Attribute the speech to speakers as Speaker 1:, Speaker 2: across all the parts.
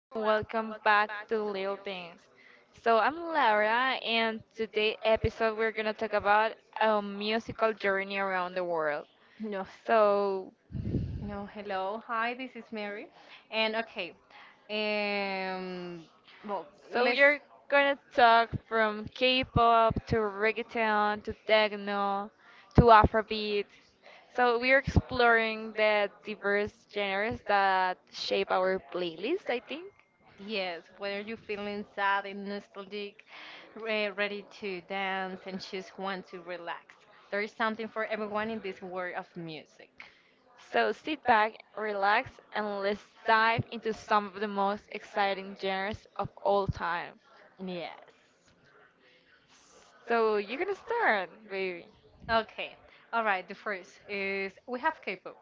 Speaker 1: and welcome back to Little Things. So I'm Laura, and today episode we're gonna talk about a musical journey around the world.
Speaker 2: No,
Speaker 1: So,
Speaker 2: no, hello. Hi, this is Mary. And okay, um, well,
Speaker 1: so
Speaker 2: let's,
Speaker 1: you're gonna talk from K-pop to reggaeton to techno to Afrobeat. So we're exploring the diverse genres that shape our playlist, I think.
Speaker 2: yes, whether you're feeling sad and nostalgic, re ready to dance and just want to relax, there is something for everyone in this world of music.
Speaker 1: So sit back, relax, and let's dive into some of the most exciting genres of all time.
Speaker 2: Yes.
Speaker 1: So you can start, baby.
Speaker 2: Okay, all right, the first is we have K-pop.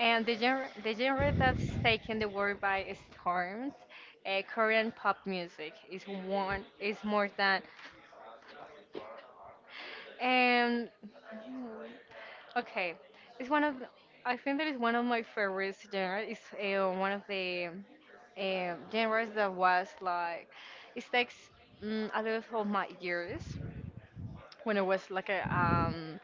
Speaker 2: And the genre that's taken the world by storms, Korean pop music is one is more than And okay, it's one of the- I think that is one of my favorite genres. It's one of the genres that was like it takes a lot of my years when I was like a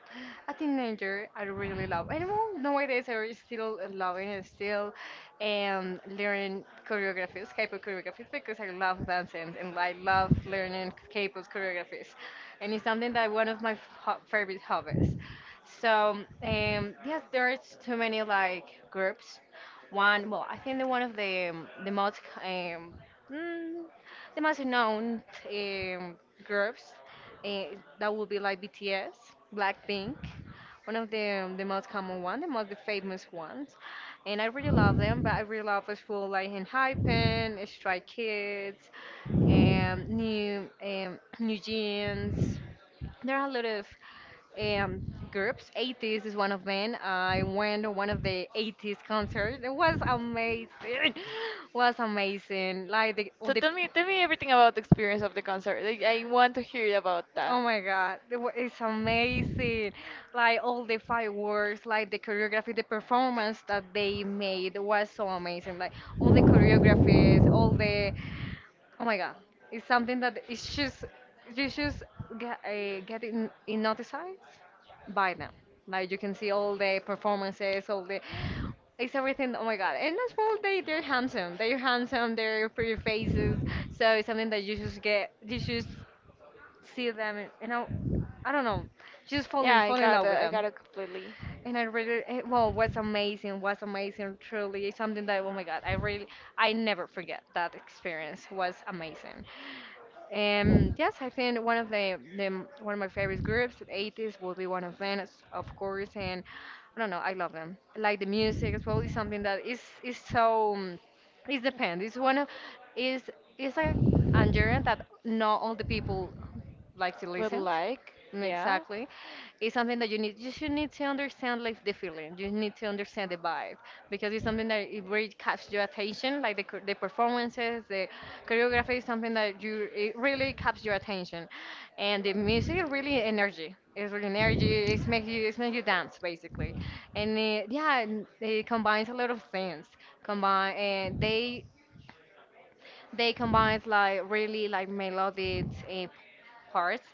Speaker 2: a teenager, I really love. I don't know nowadays I really still loving and still learning choreographies, K-pop choreographies because I love dancing and I love learning K-pop choreographies, and it's something that one of my ho favorite hobbies. So yes, there is too many like groups. One well, I think the one of the most mm, the most known um groups Eh, that would be like BTS, Blackpink, one of the most common one, the most famous ones. And I really love them, but I really love as well like Hypen, Stray Kids, New New Jeans. There are a lot of um, groups. eighties is one of them. I went to one of the eighties concerts. It was amazing. was amazing. Like the all
Speaker 1: So
Speaker 2: the
Speaker 1: tell me everything about the experience of the concert. Like, I want to hear about that.
Speaker 2: Oh my God, it's amazing. Like all the fireworks, like the choreography, the performance that they made was so amazing. Like all the choreographies, all the, oh my God, it's something that it's just, you just get, in noticed by them. Like you can see all the performances, all the, it's everything. Oh my God, and as well, they're handsome. They're handsome. They're pretty faces. So it's something that you just get. You just see them and I don't know,
Speaker 1: Yeah, I
Speaker 2: fall in
Speaker 1: got
Speaker 2: love
Speaker 1: it.
Speaker 2: with
Speaker 1: I got
Speaker 2: them.
Speaker 1: it completely.
Speaker 2: And I really, well, was amazing, truly. It's something that, oh my God, I really, I never forget that experience. Was amazing. Yes, I think the one of my favorite groups, the eighties, will be one of them, of course. And I don't know, I love them. Like the music as well is something that is so it depends. It's one of is is a genre that not all the people like to
Speaker 1: Would
Speaker 2: listen.
Speaker 1: like, yeah.
Speaker 2: Exactly. It's something that you should need to understand like the feeling. You need to understand the vibe because it's something that it really catches your attention, like the performances, the choreography is something that you it really catches your attention. And the music is really energy. It's really energy. It's make you dance basically. And yeah, and it combines a lot of things. Combine and they combine like really like melodic parts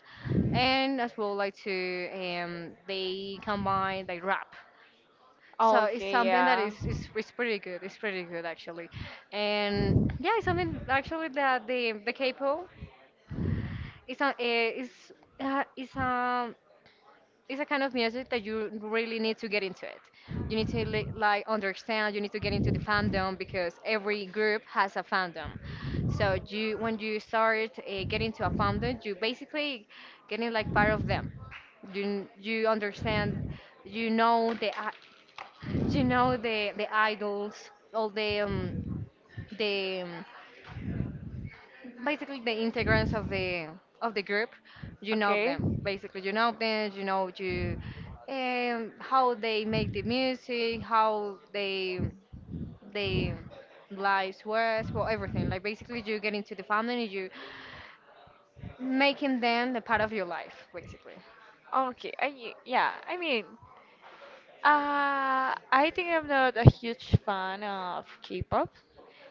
Speaker 2: and as well like to they combine like rap, so it's
Speaker 1: Okay,
Speaker 2: something that
Speaker 1: yeah.
Speaker 2: is pretty good, it's pretty good actually. And yeah, it's something actually that the k-pop is a eh, is is it's a kind of music that you really need to get into it. You need to li- like understand. You need to get into the fandom because every group has a fandom. So you when you start getting to a fandom, you basically getting like part of them. You understand. You know the i- you know the idols, all the basically the integrants of the group, you know
Speaker 1: Okay.
Speaker 2: them, basically you know them, you know you how they make the music, how they lives was well everything like basically you get into the family and you making them the part of your life basically.
Speaker 1: Oh, okay, yeah, I think I'm not a huge fan of K-pop,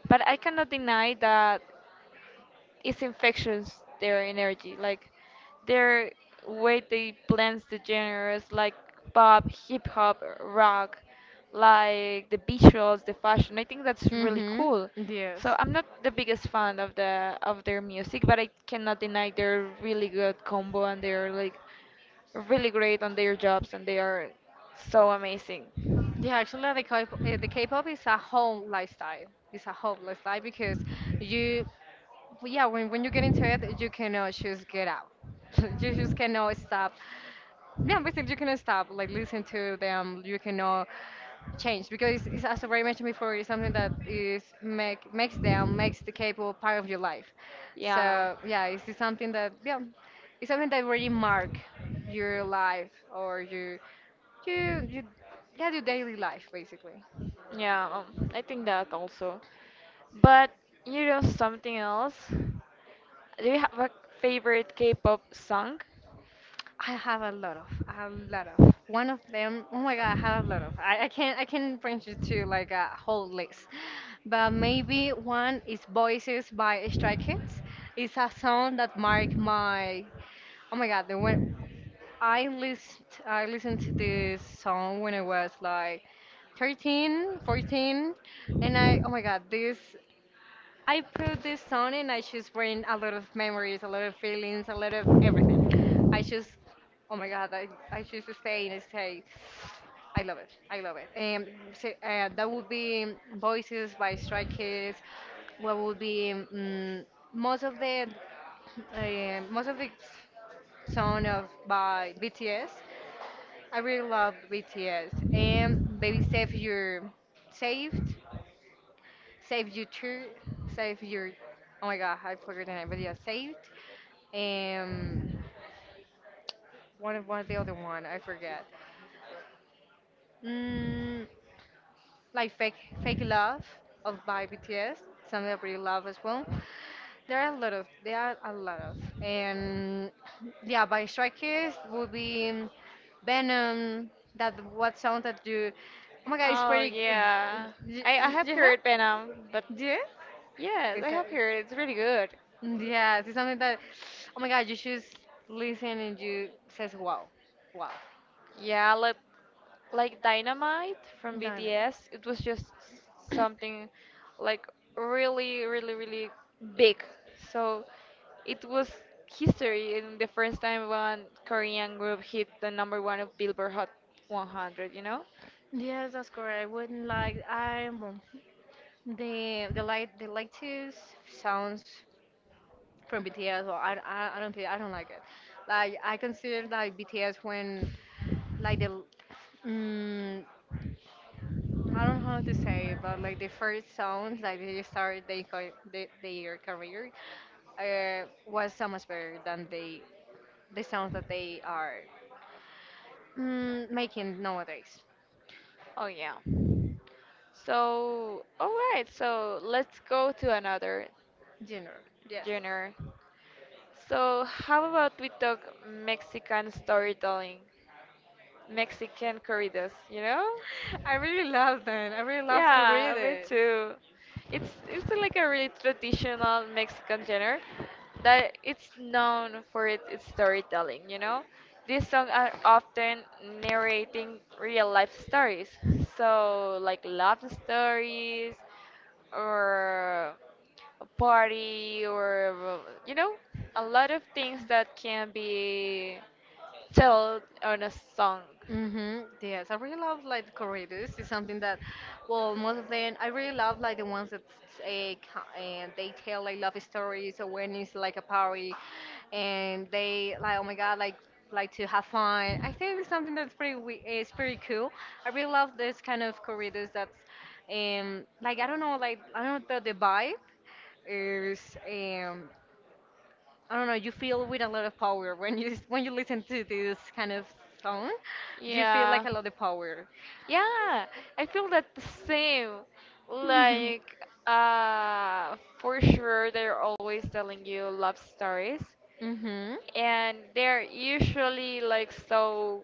Speaker 1: but I cannot deny that it's infectious their energy, like their way they blends the genres like pop, hip hop, rock, like the visuals, the fashion. I think that's really
Speaker 2: Mm-hmm.
Speaker 1: cool.
Speaker 2: Yes.
Speaker 1: So I'm not the biggest fan of the of their music, but I cannot deny they're really good combo and they're like really great on their jobs and they are so amazing.
Speaker 2: Yeah, actually, the K-pop is a whole lifestyle. It's a whole lifestyle because you well, yeah, when you get into it, you cannot just get out. You just cannot stop. Yeah, basically, you cannot stop. Like, listen to them. You cannot change because, it's, as I've already mentioned before, it's something that is make makes them makes the K-pop part of your life.
Speaker 1: Yeah.
Speaker 2: So yeah, it's just something that yeah, it's something that really mark your life or you yeah your daily life basically.
Speaker 1: Yeah, I think that also. But you know something else? Do you have a favorite K-pop song?
Speaker 2: I have a lot of, a lot of. One of them, oh my God, I have a lot of. I can't, I can bring you to like a whole list, but maybe one is "Voices" by Stray Kids. It's a song that marked my, oh my God, the when I listened to this song when I was like 13, 14, and oh my God, this I put this song and I just bring a lot of memories, a lot of feelings, a lot of everything. I just, oh my God, I just stay and stay. I love it. I love it. That would be Voices by Stray Kids. What would be most of the most of the song of by BTS. I really love BTS. And Baby Save Your Saved Save You True, Save Your. Oh my god, I forgot the name, but yeah, Saved. Um, one of the other one, I forget. Mm, like Fake Love of by BTS, something I really love as well. There are a lot of, and yeah, by Stray Kids would be Venom. That what sound that you? Oh my god, it's
Speaker 1: Oh
Speaker 2: pretty.
Speaker 1: yeah.
Speaker 2: Yeah.
Speaker 1: I have
Speaker 2: Yeah.
Speaker 1: heard Venom, but
Speaker 2: Yeah.
Speaker 1: yes, I
Speaker 2: It's a,
Speaker 1: have heard it. It's really good.
Speaker 2: yes, it's something that, oh my God, you just listen and you says wow, wow,
Speaker 1: Yeah, like Dynamite from
Speaker 2: dynamo.
Speaker 1: BTS, it was just something like really, really, really big. So it was history in the first time one Korean group hit the number one of Billboard Hot 100, you know?
Speaker 2: Yes, that's correct. I wouldn't like I'm the light the lightest sounds from BTS. Well, I don't think I don't like it. Like I consider like BTS when like the l- mm, I don't know how to say it, but like the first sounds like their career was so much better than the sounds that they are making nowadays.
Speaker 1: Oh yeah. So, all right. So let's go to another
Speaker 2: Genre, yes.
Speaker 1: genre. So how about we talk Mexican storytelling? Mexican corridos, you know?
Speaker 2: I really love them. I really love to read
Speaker 1: Yeah, me
Speaker 2: it.
Speaker 1: too. It's like a really traditional Mexican genre that it's known for it, its storytelling, you know? These songs are often narrating real life stories. So like love stories or a party or you know, a lot of things that can be tell on a song.
Speaker 2: Hmm. Yes, I really love like the corridos. It's something that, well, most of them I really love like the ones that and they tell like love stories or when it's like a party, and they like oh my god like to have fun. I think it's something it's pretty cool. I really love this kind of corridos that's like I don't know but the vibe is um I don't know, you feel with a lot of power when you when you listen to this kind of song. You feel like
Speaker 1: Yeah.
Speaker 2: a lot of power.
Speaker 1: Yeah, I feel that the same.
Speaker 2: Mm-hmm.
Speaker 1: Like, for sure, they're always telling you love stories, and they're usually like so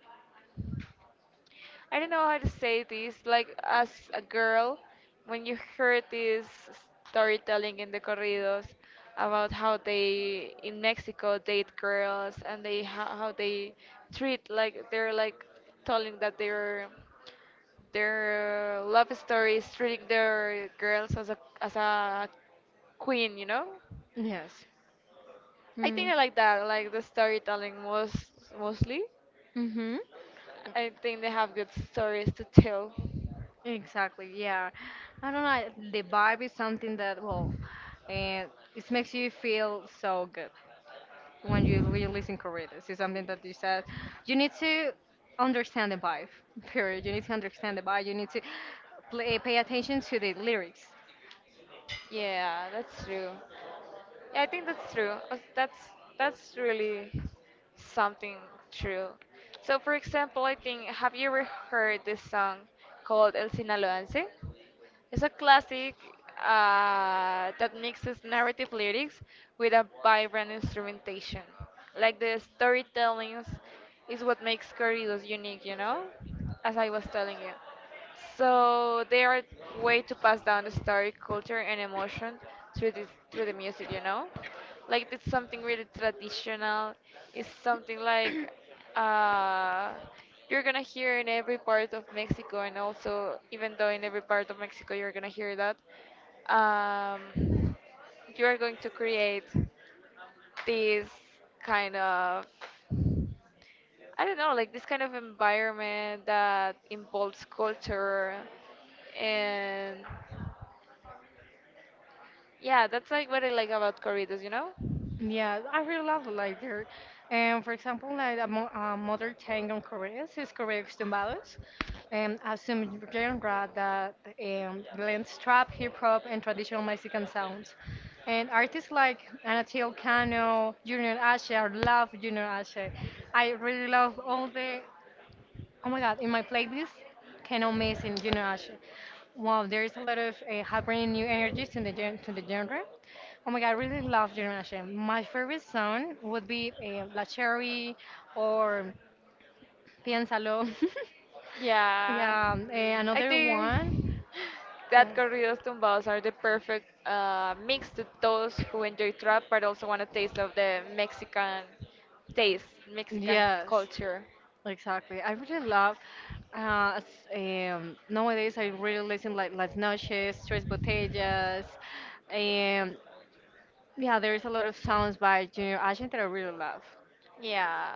Speaker 1: I don't know how to say this. Like as a girl, when you heard this storytelling in the corridos about how they in Mexico date girls and they how they treat like they're like telling that their love story is treating their girls as a queen, you know?
Speaker 2: Yes.
Speaker 1: I
Speaker 2: Mm.
Speaker 1: think I like that, like the storytelling mostly.
Speaker 2: Hmm.
Speaker 1: I think they have good stories to tell.
Speaker 2: Exactly. Yeah. I don't know. The vibe is something that well, and it makes you feel so good when you listen corridas. It's something that you said. You need to understand the vibe. Period. You need to understand the vibe. You need to pay attention to the lyrics.
Speaker 1: Yeah, that's true. Yeah, I think that's true. That's really something true. So, for example, I think have you ever heard this song called El Sinaloense? It's a classic that mixes narrative lyrics with a vibrant instrumentation. Like the storytelling is what makes corridos unique, you know? As I was telling you. So they are a way to pass down the story, culture, and emotion through the music, you know. Like it's something really traditional. It's something like uh, you're gonna hear in every part of Mexico, and also even though in every part of Mexico you're gonna hear that, um, you are going to create this kind of I don't know, like this kind of environment that involves culture and yeah, that's like what I like about corridos, you know?
Speaker 2: Yeah, I really love it like there. And for example, like a mother tongue on Korean is Korean tumbados, and a some genre that blends trap, hip hop, and traditional Mexican sounds. And artists like Anatol Cano, Junior Ashe, I love Junior Ashe. I really love all the Oh my god, in my playlist, cannot miss in Junior Usher. Wow, there's a lot of happening new energies in to the genre. Oh my god, I really love Junior Usher. My favorite song would be La Cherry or Piénsalo.
Speaker 1: Yeah.
Speaker 2: Yeah,
Speaker 1: I
Speaker 2: another
Speaker 1: think
Speaker 2: one.
Speaker 1: that corridos
Speaker 2: Yeah.
Speaker 1: tumbados are the perfect mix to those who enjoy trap but also want a taste of the Mexican taste, Mexican
Speaker 2: Yes,
Speaker 1: culture.
Speaker 2: exactly. I really love. Uh, s- nowadays, I really listen like Las Noches, Tres Botellas, and yeah, there's a lot of songs by Junior Agent that I really love.
Speaker 1: Yeah,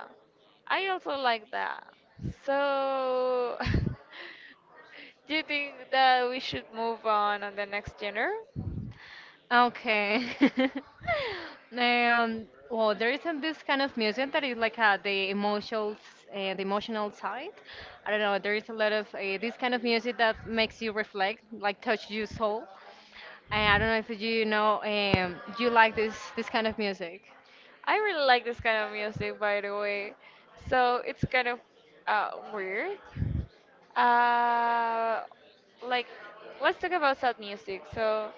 Speaker 1: I also like that. So, do you think that we should move on the next genre?
Speaker 2: Okay. Well, there isn't this kind of music that is like the emotional side. I don't know. There is a lot of this kind of music that makes you reflect, like touch your soul. I don't know if you know, do you like this kind of music?
Speaker 1: I really like this kind of music, by the way. So it's kind of weird. Uh, like, let's talk about sad music. So,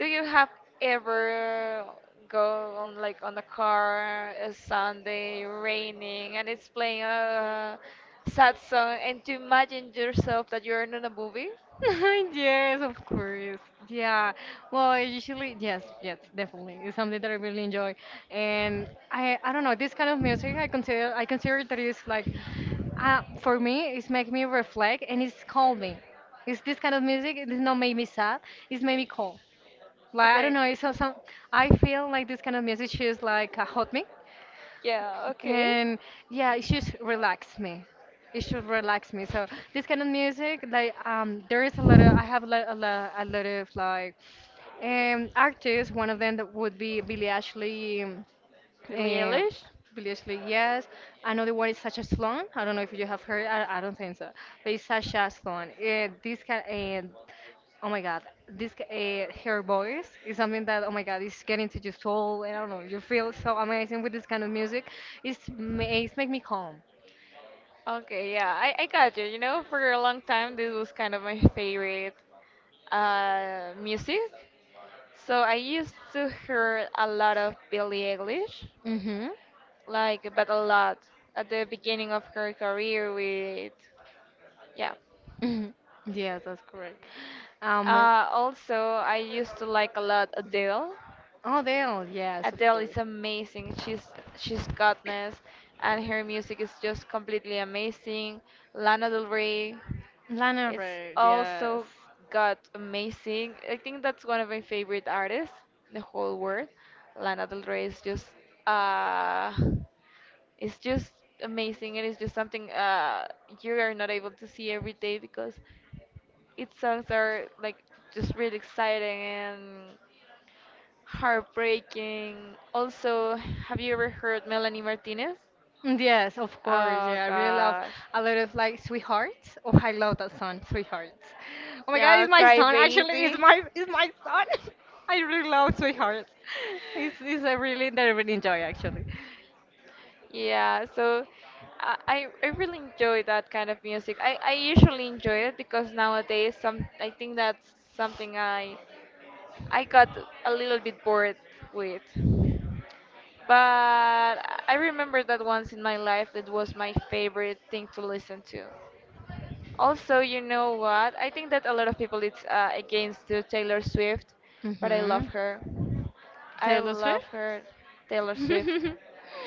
Speaker 1: do you have ever go on like on a car a Sunday raining and it's playing a sad song and to imagine yourself that you're in a movie?
Speaker 2: Yes, of course. Yeah. Well, I usually, yes, yes, definitely. It's something that I really enjoy, and I don't know, this kind of music, I consider that it's like, for me, it's make me reflect and it's calming. It's this kind of music. It does not make me sad. It's made me calm. Like I don't
Speaker 1: Okay.
Speaker 2: know. It's some. I feel like this kind of music is like a hot me.
Speaker 1: Yeah, okay.
Speaker 2: And yeah, it should relax me. It should relax me. So this kind of music, there is a lot of I have a lot, of artists. One of them that would be Billie Ashley.
Speaker 1: Billie
Speaker 2: Uh,
Speaker 1: Eilish?
Speaker 2: Billie, yes. Another one is Sasha Sloan. I don't know if you have heard. I don't think so. But it's Sasha Sloan. This can. Oh my God. This Her voice is something that, oh my God, is getting to your soul. I don't know. You feel so amazing with this kind of music. It's make me calm.
Speaker 1: Okay, yeah, I got you. You know, for a long time, this was kind of my favorite music. So I used to hear a lot of Billie Eilish.
Speaker 2: Mhm.
Speaker 1: Like but a lot at the beginning of her career with yeah.
Speaker 2: Mhm. Yes, that's correct. Um.
Speaker 1: Also I used to like a lot Adele.
Speaker 2: Oh, Dale. Yes, of
Speaker 1: Adele is
Speaker 2: course.
Speaker 1: amazing. She's goddess, and her music is just completely amazing. Lana Del Rey.
Speaker 2: Lana
Speaker 1: It's
Speaker 2: Ray,
Speaker 1: also
Speaker 2: yes.
Speaker 1: got amazing. I think that's one of my favorite artists in the whole world. Lana Del Rey is just uh it's just amazing, and it's just something you are not able to see every day because its songs are like just really exciting and heartbreaking. Also, have you ever heard Melanie Martinez?
Speaker 2: Mm, yes, of course.
Speaker 1: Oh
Speaker 2: Yeah, I really love
Speaker 1: gosh.
Speaker 2: a lot of like Sweethearts. Oh, I love that song, Sweethearts. Oh my God,
Speaker 1: Yeah,
Speaker 2: it's my
Speaker 1: Cry
Speaker 2: son. Actually, it's
Speaker 1: Baby.
Speaker 2: my it's my son. I really love Sweethearts. It's a really that I really enjoy actually.
Speaker 1: Yeah, so I really enjoy that kind of music. I usually enjoy it because nowadays some I think that's something I got a little bit bored with. But I remember that once in my life it was my favorite thing to listen to. Also, you know what? I think that a lot of people it's against to Taylor Swift, but I
Speaker 2: Mm-hmm.
Speaker 1: love her. I
Speaker 2: Taylor Swift.
Speaker 1: love her, Taylor Swift.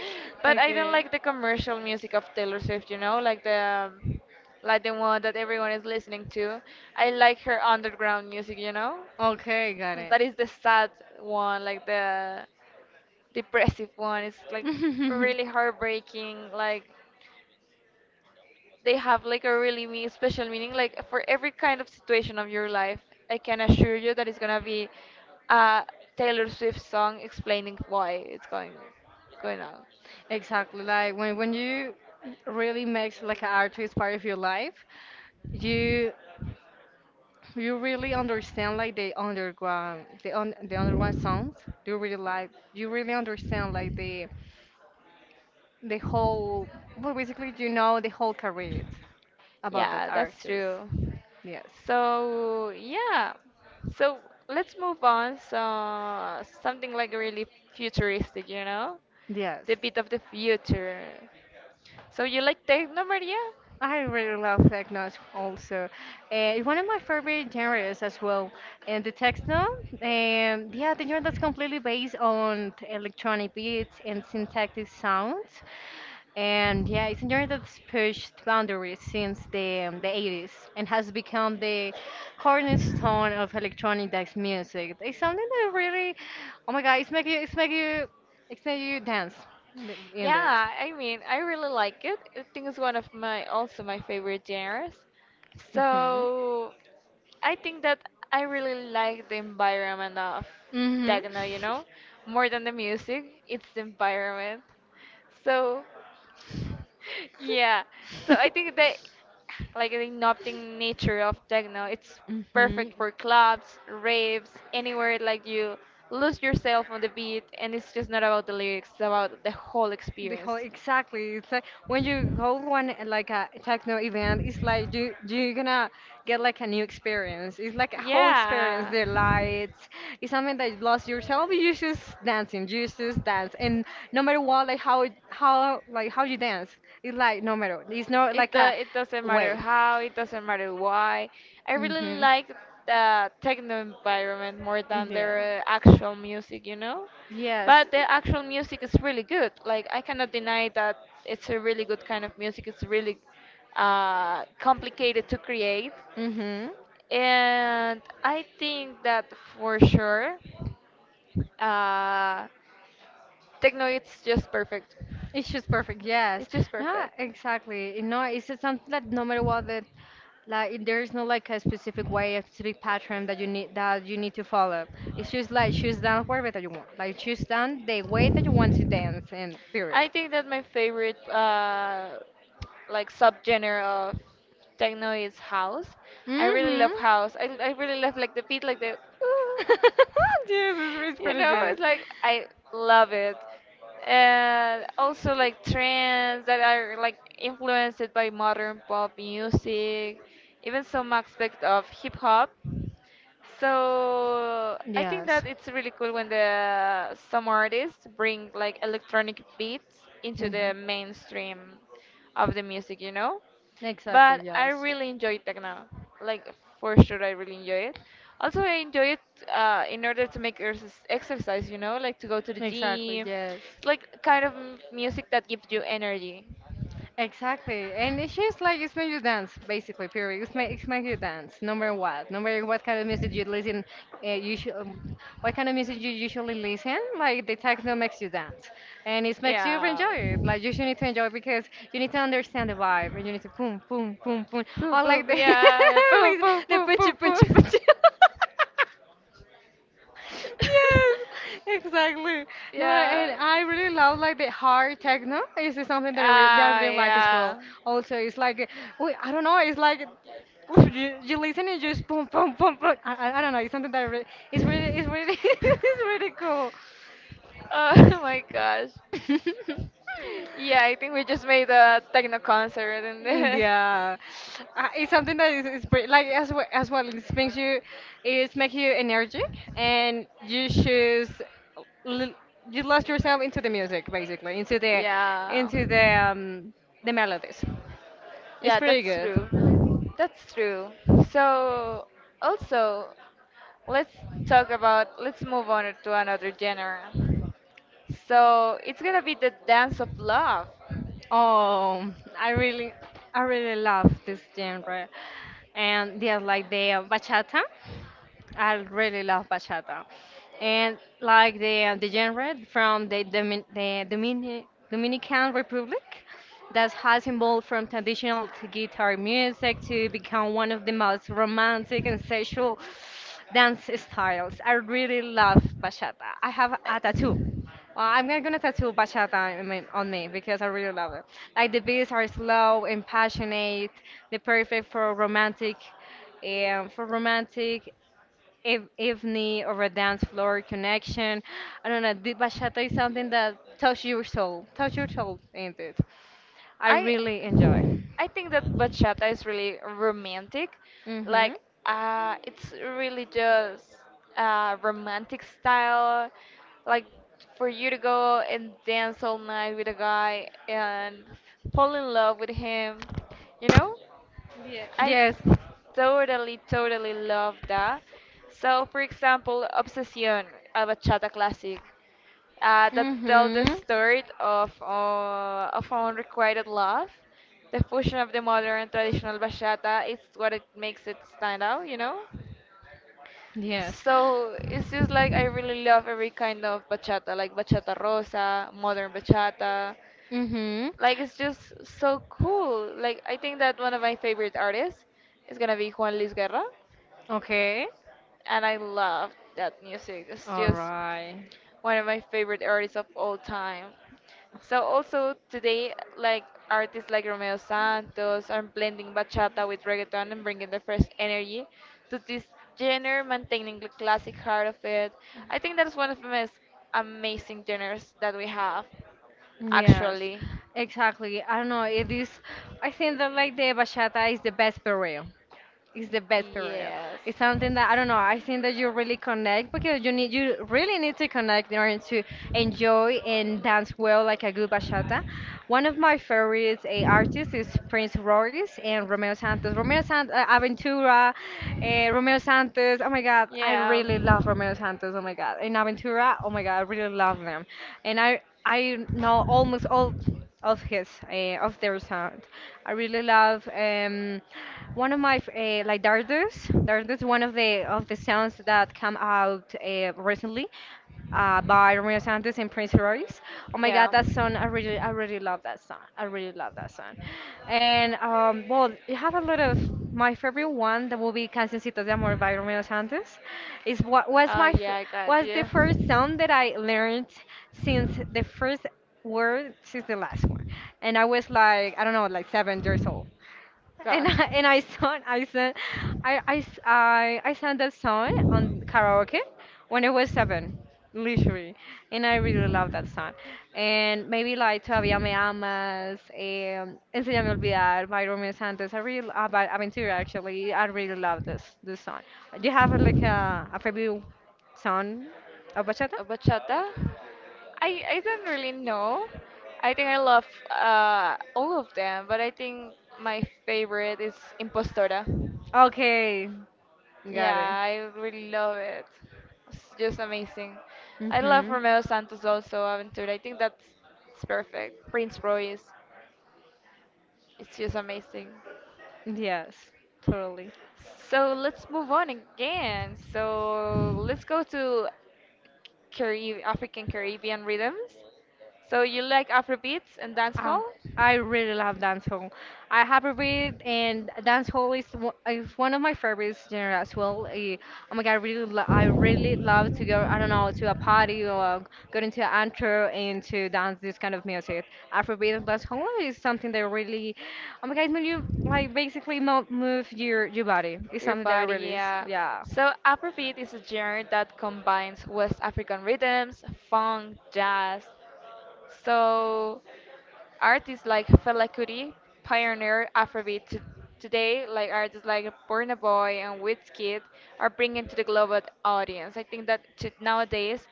Speaker 1: But I don't
Speaker 2: Okay.
Speaker 1: like the commercial music of Taylor Swift, you know, like the one that everyone is listening to. I like her underground music, you know.
Speaker 2: Okay, got
Speaker 1: That
Speaker 2: it.
Speaker 1: is the sad one, like the depressive one. It's like really heartbreaking, like they have like a really me special meaning like for every kind of situation of your life. I can assure you that it's gonna be a Taylor Swift song explaining why it's going on.
Speaker 2: Exactly. Like when you really makes like an artist part of your life, you you really understand like the underground sounds. You really understand like the whole, well, basically, the whole career about that
Speaker 1: Yeah, that's
Speaker 2: artist.
Speaker 1: true.
Speaker 2: Yes.
Speaker 1: So yeah, so let's move on, so something like really futuristic, you know,
Speaker 2: Yes.
Speaker 1: the bit of the future. So you like techno, Maria?
Speaker 2: I really love techno also. It's one of my favorite genres as well. And the techno, yeah, the genre that's completely based on electronic beats and syntactic sounds. And yeah, it's a genre that's pushed boundaries since the 80s and has become the cornerstone of electronic dance music. It's something that really, oh my God, it's make you, it's make you, it's make you dance in it.
Speaker 1: Yeah, I mean, I really like it. I think it's one of my also my favorite genres.
Speaker 2: Mhm.
Speaker 1: So I think that I really like the environment of
Speaker 2: Mhm.
Speaker 1: techno, you know, more than the music, it's the environment. So yeah, so I think that like the nothing nature of techno, it's
Speaker 2: Mhm.
Speaker 1: perfect for clubs, raves, anywhere like you lose yourself on the beat and it's just not about the lyrics, it's about the whole
Speaker 2: The whole
Speaker 1: experience.
Speaker 2: exactly. It's like when you hold one like a techno event, it's like you're gonna get like a new experience. It's like a whole experience.
Speaker 1: Yeah.
Speaker 2: The lights, it's something that you lost yourself. You just dancing, you just dance, and no matter what, like how you dance, it's like no matter. It's not
Speaker 1: It
Speaker 2: like a
Speaker 1: it doesn't matter
Speaker 2: way.
Speaker 1: how, it doesn't matter why. I really
Speaker 2: Mhm.
Speaker 1: like the techno environment more than
Speaker 2: Yeah.
Speaker 1: their actual music, you know?
Speaker 2: Yes.
Speaker 1: But the actual music is really good. Like I cannot deny that it's a really good kind of music. It's really complicated to create.
Speaker 2: Mm-hmm.
Speaker 1: And I think that for sure, uh, techno it's just perfect.
Speaker 2: It's just perfect. Yes.
Speaker 1: It's just
Speaker 2: No,
Speaker 1: perfect.
Speaker 2: exactly. You know, it's just something that no matter what that there is no like a specific way, a specific pattern that you need to follow. It's just like choose dance wherever that you want. Like choose dance the way that you want to dance and period.
Speaker 1: I think that my favorite like subgenre of techno is house. I really
Speaker 2: Mm-hmm.
Speaker 1: love house. I really love like the beat, like the
Speaker 2: Yes, it's really, it's
Speaker 1: you
Speaker 2: pretty
Speaker 1: know
Speaker 2: good.
Speaker 1: it's like I love it, and also like trends that are like influenced by modern pop music, even some aspect of hip hop. So I think
Speaker 2: Yes.
Speaker 1: that it's really cool when the some artists bring like electronic beats into the
Speaker 2: Mhm.
Speaker 1: mainstream of the music, you know?
Speaker 2: Exactly,
Speaker 1: But I
Speaker 2: yes.
Speaker 1: really enjoy techno. Like for sure I really enjoy it. Also I enjoy it in order to make exercise, you know, like to go to the
Speaker 2: Exactly,
Speaker 1: gym.
Speaker 2: yes.
Speaker 1: It's like kind of music that gives you energy.
Speaker 2: Exactly. And it's just like it's made you dance, basically, period. It's make you dance. No matter what? No matter what kind of music you listen, uh, you should, um, what kind of music you usually listen? Like the techno makes you dance. And it makes you
Speaker 1: Yeah.
Speaker 2: enjoy it. Like you should need to enjoy it because you need to understand the vibe. And you need to boom, boom, boom, boom.
Speaker 1: Boop
Speaker 2: Or like the,
Speaker 1: boop yeah. Boop boop
Speaker 2: the
Speaker 1: boop
Speaker 2: punchy,
Speaker 1: boop
Speaker 2: punchy,
Speaker 1: boop.
Speaker 2: punchy. Yes, exactly. No,
Speaker 1: Yeah.
Speaker 2: and I really love like the hard techno. Is it something that I re that I
Speaker 1: Ah,
Speaker 2: really like as well.
Speaker 1: yeah.
Speaker 2: Also, it's like, I don't know, it's like you listen and just boom, boom, boom, boom. I don't know. It's something that I re it's really
Speaker 1: Oh my gosh.
Speaker 2: cool.
Speaker 1: Yeah, I think we just made a techno concert and
Speaker 2: Yeah, it's something that is pretty, like as well. it makes you energetic, and l- you lost yourself into the music, basically, into the,
Speaker 1: yeah.
Speaker 2: into the um, the melodies. It's
Speaker 1: Yeah,
Speaker 2: pretty
Speaker 1: that's
Speaker 2: good.
Speaker 1: true. That's true. So also let's talk about let's move on to another genre, so it's gonna be the dance of love.
Speaker 2: Oh, I really, I really love this genre, and yes, like the bachata. I really love bachata, and like the genre from the Dominican Republic, that has evolved from traditional to guitar music to become one of the most romantic and sexual dance styles. I really love bachata. I have
Speaker 1: i
Speaker 2: a tattoo. Well, I'm gonna tattoo bachata on me because I really love it. Like the beats are slow and passionate, they're perfect for romantic, um, for romantic evening or a dance floor connection. I don't know. The bachata is something that touches your soul, touch your soul, ain't it? I
Speaker 1: i,
Speaker 2: really enjoy.
Speaker 1: I think that bachata is really romantic, like
Speaker 2: Mhm.
Speaker 1: it's really just a romantic style, like for you to go and dance all night with a guy and fall in love with him, you know. I
Speaker 2: Yes.
Speaker 1: totally, totally love that. So, for example, Obsession, a bachata classic, that tells the
Speaker 2: Mhm.
Speaker 1: story of unrequited love. The fusion of the modern and traditional bachata is what it makes it stand out, you know.
Speaker 2: Yes.
Speaker 1: So it's just like I really love every kind of bachata, like bachata rosa, modern bachata.
Speaker 2: Mhm.
Speaker 1: Like it's just so cool. Like I think that one of my favorite artists is gonna be Juan Luis Guerra,
Speaker 2: Okay.
Speaker 1: and I love that music. It's
Speaker 2: All
Speaker 1: just
Speaker 2: right.
Speaker 1: one of my favorite artists of all time. So also today, like artists like Romeo Santos are blending bachata with reggaeton and bringing the fresh energy to this genre, maintaining the classic heart of it. I think that's one of the most amazing genres that we have,
Speaker 2: Yes,
Speaker 1: actually.
Speaker 2: exactly. I don't know. It is. I think that like the bachata is the best burial. It's the best period.
Speaker 1: Yes.
Speaker 2: It's something that I don't know. I think that you really connect because you really need to connect in order to enjoy and dance well like a good bachata. One of my favorite artists is Prince Royce and Romeo Santos. Romeo Santos, Aventura, uh, Romeo Santos. Oh my God, I
Speaker 1: Yeah.
Speaker 2: really love Romeo Santos. Oh my God, and Aventura. Oh my God, I really love them, and I know almost all of their sound. I really love. One of my like dardos, dardos, one of the songs that come out recently by Romeo Santos and Prince Royce. Oh my God,
Speaker 1: Yeah.
Speaker 2: that song! I really love that song. I really love that song. And well, you have a lot of my favorite one. That will be "Cancioncitos de Amor" by Romeo Santos. Is what
Speaker 1: Oh yeah, I got
Speaker 2: was the
Speaker 1: you.
Speaker 2: first song that I learned since the first word since the last one, and I was like I don't know, like 7 years old.
Speaker 1: Gosh.
Speaker 2: And I sang I sang I s- I sang that song on karaoke when I was 7, literally, and I really love that song. And maybe like Todavía me amas, Enséñame a olvidar by Romeo Santos. I really By Aventura, actually. I really love this song. Do you have like a favorite song of bachata?
Speaker 1: A bachata? I don't really know. I think I love all of them, but I think my favorite is Impostora.
Speaker 2: Okay,
Speaker 1: Yeah,
Speaker 2: got it.
Speaker 1: I really love it. It's just amazing. I love
Speaker 2: Mhm.
Speaker 1: Romeo Santos also, Aventura. I think that's it's perfect. Prince Royce. It's just amazing.
Speaker 2: Yes, totally.
Speaker 1: So let's move on again. So let's go to Carib African Caribbean rhythms. So you like Afrobeats and
Speaker 2: Ah,
Speaker 1: dancehall?
Speaker 2: I really love dancehall. I have a read, and dancehall is one of my favorite genre as well. Oh my god, I really love to go. I don't know, to a party or go into an antro and to dance this kind of music. Afrobeat and dancehall is something that really, oh my god, when you like basically mo move your body. It's
Speaker 1: Your
Speaker 2: something that
Speaker 1: body,
Speaker 2: really is.
Speaker 1: yeah.
Speaker 2: Yeah.
Speaker 1: So Afrobeat is a genre that combines West African rhythms, funk, jazz, so artists like Fela Kuti pioneered Afrobeat. To today, like artists like Burna Boy and Wizkid are bringing to the global audience. I think that to nowadays,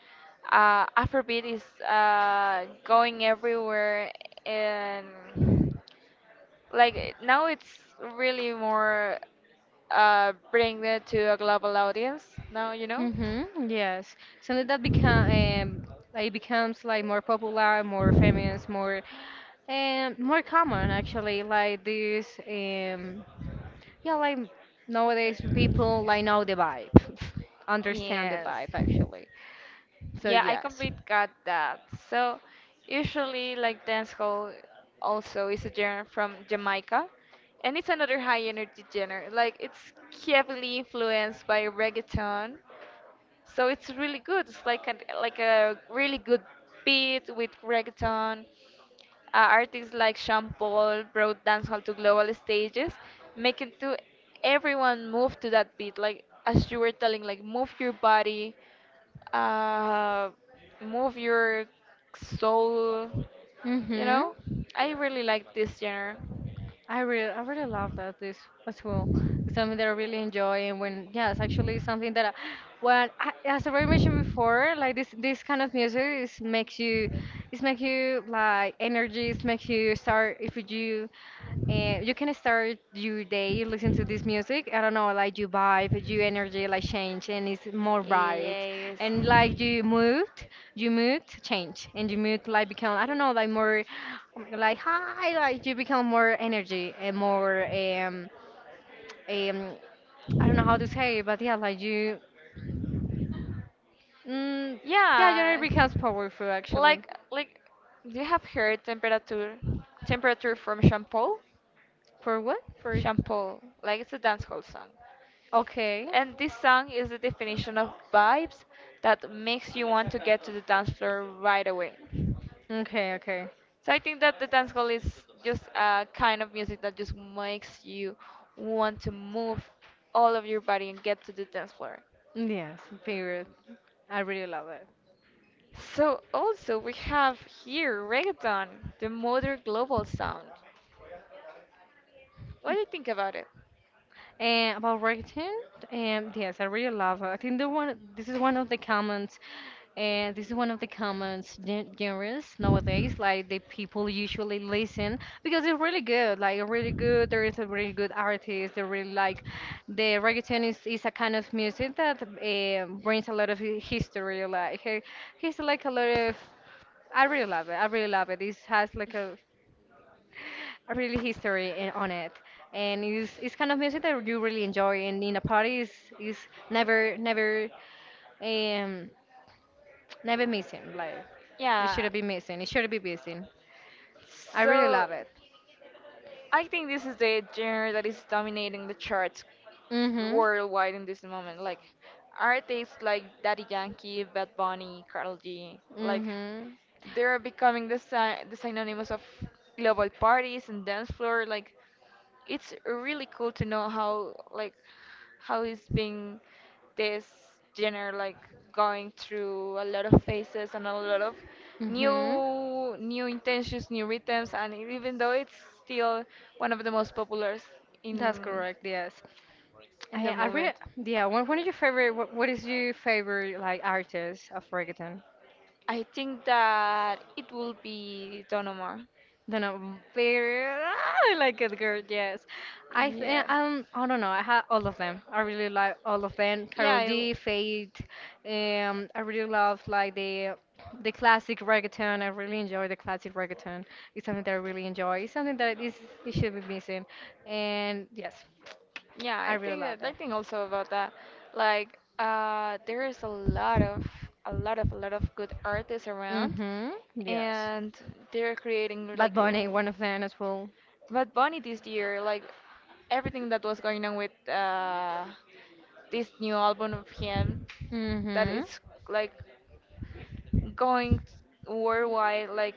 Speaker 1: Afrobeat is going everywhere, and like now it's really more, bring it to a global audience. Now you know.
Speaker 2: Mm-hmm, yes. Something that become it becomes like more popular, more famous, more common, actually. Like this, yeah, like nowadays people like know the vibe, understand the
Speaker 1: Yes.
Speaker 2: vibe, actually. So
Speaker 1: Yeah, I
Speaker 2: yes.
Speaker 1: complete got that. So usually like dancehall also is a genre from Jamaica, and it's another high energy genre. Like it's heavily influenced by reggaeton. So it's really good. It's like a really good beat with reggaeton, artists like Sean Paul brought dancehall to global stages, making to everyone move to that beat. Like as you were telling, like move your body, uh, move your soul. You
Speaker 2: Mm-hmm.
Speaker 1: know, I really like this genre.
Speaker 2: I really love that this as well. It's something that I really enjoy, and when, yeah, it's actually something that, when I, as I already mentioned before, like this kind of music is makes you, it's make you like energies, makes you start if you you can start your day listening to this music. I don't know, like you vibe, your energy like change, and it's more bright.
Speaker 1: Yes.
Speaker 2: And like you mood, change, and you mood like become I don't know, like more, oh my God, like high, like you become more energy and more um I don't know how to say it, but yeah, like you, mm, yeah, your energy
Speaker 1: Yeah.
Speaker 2: becomes powerful, actually.
Speaker 1: Like you have heard temperature from Shampoo?
Speaker 2: For what? For,
Speaker 1: Shampoo. Like it's a dancehall song.
Speaker 2: okay,
Speaker 1: And this song is the definition of vibes that makes you want to get to the dance floor right away.
Speaker 2: okay, okay.
Speaker 1: So I think that the dance hall is just a kind of music that just makes you want to move all of your body and get to the dance floor.
Speaker 2: Yes, period. I really love it.
Speaker 1: So also we have here reggaeton, the modern global sound. What do you think about it?
Speaker 2: And about writing, yes, I really love it. I think the one this is one of the comments, and this is one of the comments genres nowadays. Like the people usually listen because it's really good. Like really good. There is a really good artist. They really like the reggaeton is a kind of music that brings a lot of history. Like he's like a lot of. I really love it. I really love it. This has like a really history on it, and it's kind of music that you really enjoy, and in a party is never never um never missing, like
Speaker 1: Yeah.
Speaker 2: it shouldn't be missing. I really
Speaker 1: So
Speaker 2: love it.
Speaker 1: I think this is the genre that is dominating the charts
Speaker 2: Hmm.
Speaker 1: worldwide in this moment. Like artists like Daddy Yankee, Bad Bunny, Karol G, like
Speaker 2: Hmm.
Speaker 1: they're becoming the, the synonymous of global parties and dance floor. Like it's really cool to know how like how is being this genre like going through a lot of phases and a lot of
Speaker 2: Hmm.
Speaker 1: new new intentions new rhythms, and even though it's still one of the most popular in
Speaker 2: That's correct, yes.
Speaker 1: in
Speaker 2: i
Speaker 1: the
Speaker 2: i really,
Speaker 1: moment,
Speaker 2: yeah, what is your favorite what is your favorite like artist of reggaeton?
Speaker 1: I think that it will be Don Omar.
Speaker 2: Then a very I like it, girl. Yes, I think
Speaker 1: Yes.
Speaker 2: I don't know. I had all of them. I really like all of them.
Speaker 1: Yeah,
Speaker 2: Carol
Speaker 1: I,
Speaker 2: G, Fate. I really love like the classic reggaeton. I really enjoy the classic reggaeton. It's something that I really enjoy. It's something that is, it should be missing. And yes,
Speaker 1: yeah,
Speaker 2: I
Speaker 1: I
Speaker 2: really
Speaker 1: think
Speaker 2: love
Speaker 1: that I
Speaker 2: that.
Speaker 1: think also about that. Like, there is a lot of a lot of good artists around,
Speaker 2: Mhm. Yes.
Speaker 1: and they're creating
Speaker 2: Bad
Speaker 1: like
Speaker 2: Bunny, one of them as well.
Speaker 1: Bad Bunny this year, like everything that was going on with this new album of him, that
Speaker 2: Mhm.
Speaker 1: is like going worldwide. Like,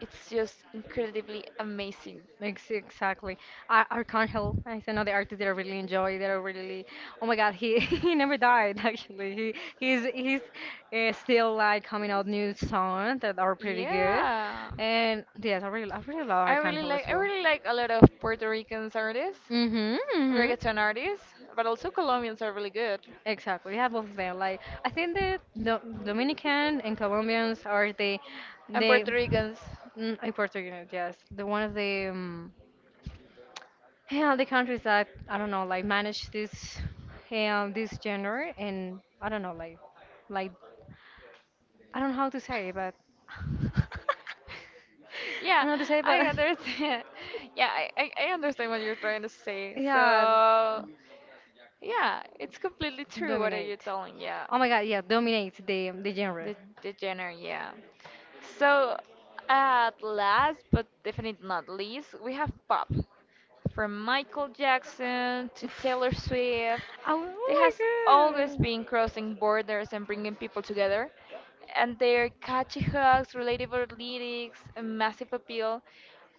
Speaker 1: it's just incredibly amazing.
Speaker 2: Exactly. Arcángel is another artist that I really enjoy. That I really, oh my God, he he never died, actually. He's still like coming out new songs that are pretty good.
Speaker 1: Yeah.
Speaker 2: And yes, I really love Arcángel as
Speaker 1: I
Speaker 2: well.
Speaker 1: really like a lot of Puerto Ricans artists,
Speaker 2: Mhm, mhm.
Speaker 1: reggaeton artists, but also Colombians are really good.
Speaker 2: Exactly. We have both of them. Like I think that the Dominican and Colombians are the
Speaker 1: And
Speaker 2: the
Speaker 1: Puerto Ricans.
Speaker 2: mm, and Puerto, yes, the one of the yeah, the countries that I don't know, like manage this gender, and I don't know, like I don't know how to say it, but I
Speaker 1: Yeah,
Speaker 2: don't know how to say it,
Speaker 1: I
Speaker 2: but
Speaker 1: understand. Yeah, I understand what you're trying to say.
Speaker 2: yeah,
Speaker 1: So, yeah, it's completely true what are you
Speaker 2: dominate.
Speaker 1: telling, yeah.
Speaker 2: Oh my God, yeah, dominate the genre.
Speaker 1: The the genre, yeah. So at last, but definitely not least, we have pop. From Michael Jackson to
Speaker 2: Oof.
Speaker 1: Taylor Swift,
Speaker 2: Oh, oh
Speaker 1: they has always
Speaker 2: my God.
Speaker 1: been crossing borders and bringing people together. And their catchy hooks, relatable lyrics, and massive appeal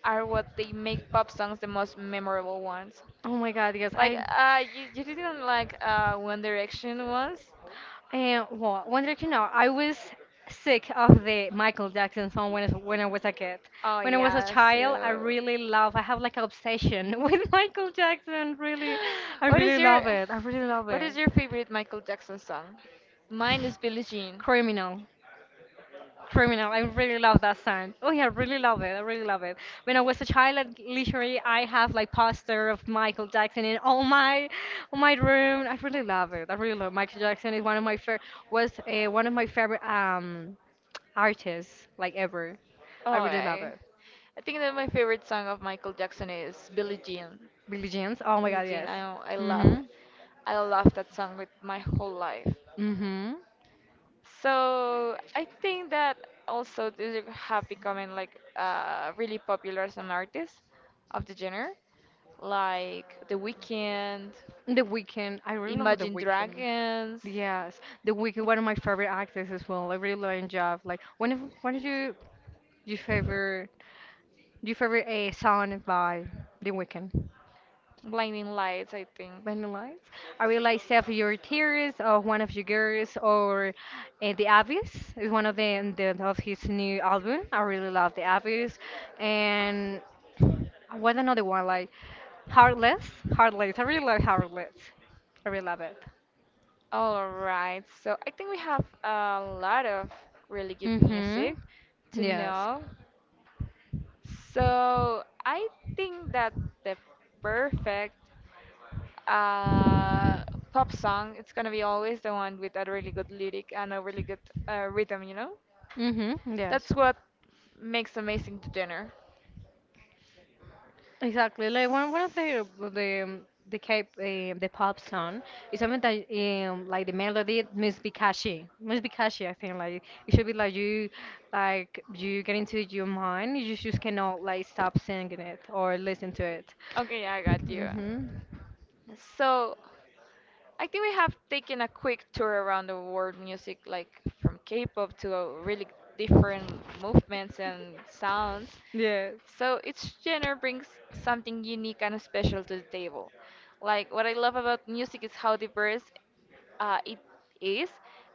Speaker 1: are what they make pop songs the most memorable ones.
Speaker 2: Oh my God, yes,
Speaker 1: Like,
Speaker 2: I
Speaker 1: you didn't like One Direction once?
Speaker 2: And well, wanted to know, I was sick of the Michael Jackson song when I was a kid.
Speaker 1: Oh
Speaker 2: When I was a
Speaker 1: yeah,
Speaker 2: child, I
Speaker 1: so.
Speaker 2: really love. I have like an obsession with Michael Jackson. Really, I
Speaker 1: What is
Speaker 2: really
Speaker 1: your
Speaker 2: love it. I really love
Speaker 1: What is
Speaker 2: it.
Speaker 1: your favorite Michael Jackson song? Mine is Billie Jean.
Speaker 2: Criminal. Criminal. I really love that song. Oh yeah, I really love it. I really love it. When I was a child, like, literally, I have like poster of Michael Jackson in all my room. I really love it. I really love Michael Jackson. Is one of my favorite, was one of my favorite artists like ever.
Speaker 1: Oh,
Speaker 2: I really love it.
Speaker 1: I think that my favorite song of Michael Jackson is Billie Jean.
Speaker 2: Billie Jean's. Oh my
Speaker 1: Billie
Speaker 2: God,
Speaker 1: Jean,
Speaker 2: yes.
Speaker 1: I love it.
Speaker 2: Mhm.
Speaker 1: I love that song with my whole life.
Speaker 2: Mhm.
Speaker 1: So I think that also they have become like really popular some artists of the genre, like The Weeknd,
Speaker 2: The Weeknd. I really love The
Speaker 1: Imagine
Speaker 2: Weeknd.
Speaker 1: Dragons.
Speaker 2: Yes, The Wicked, one of my favorite actors as well. I really love Jeff. Like, one of your favorite song by The Weeknd?
Speaker 1: Blinding Lights, I think.
Speaker 2: Blinding Lights. I really like Save Your Tears or One of Your Girls or The Abyss is one of the of his new album. I really love The Abyss and what another one like Heartless. Heartless. I really like Heartless. I really love it.
Speaker 1: All right, so I think we have a lot of really good
Speaker 2: Mhm.
Speaker 1: music to
Speaker 2: Yes.
Speaker 1: know. So I think that the perfect uh, pop song it's gonna be always the one with a really good lyric and a really good rhythm, you know?
Speaker 2: Mhm.
Speaker 1: That's
Speaker 2: Yes.
Speaker 1: what makes amazing the dinner.
Speaker 2: Exactly, like one of the pop song is something that like the melody must be catchy, must be catchy. I think like it should be like you get into your mind, you just cannot like stop singing it or listen to it.
Speaker 1: Okay, I got you.
Speaker 2: Mhm.
Speaker 1: So I think we have taken a quick tour around the world music, like from K-pop to really different movements and sounds.
Speaker 2: Yes.
Speaker 1: So each genre brings something unique and special to the table. Like what I love about music is how diverse it is,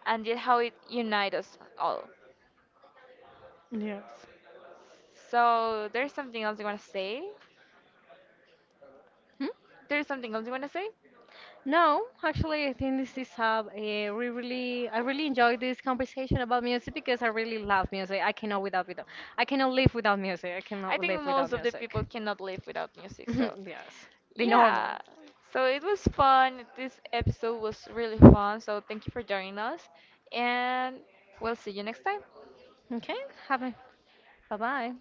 Speaker 1: and yet how it unites us all.
Speaker 2: Yes.
Speaker 1: So there's something else you want to say?
Speaker 2: Hmm?
Speaker 1: There's something else you want to say?
Speaker 2: No, actually, I think this is a we really I really enjoyed this conversation about music because I really love music. I cannot live without music. I cannot
Speaker 1: I think
Speaker 2: live
Speaker 1: most
Speaker 2: without
Speaker 1: of the
Speaker 2: music.
Speaker 1: people cannot live without music, so
Speaker 2: Yes, the
Speaker 1: yeah.
Speaker 2: normal.
Speaker 1: So it was fun. This episode was really fun. So thank you for joining us. And we'll see you next time.
Speaker 2: Okay, have a bye bye.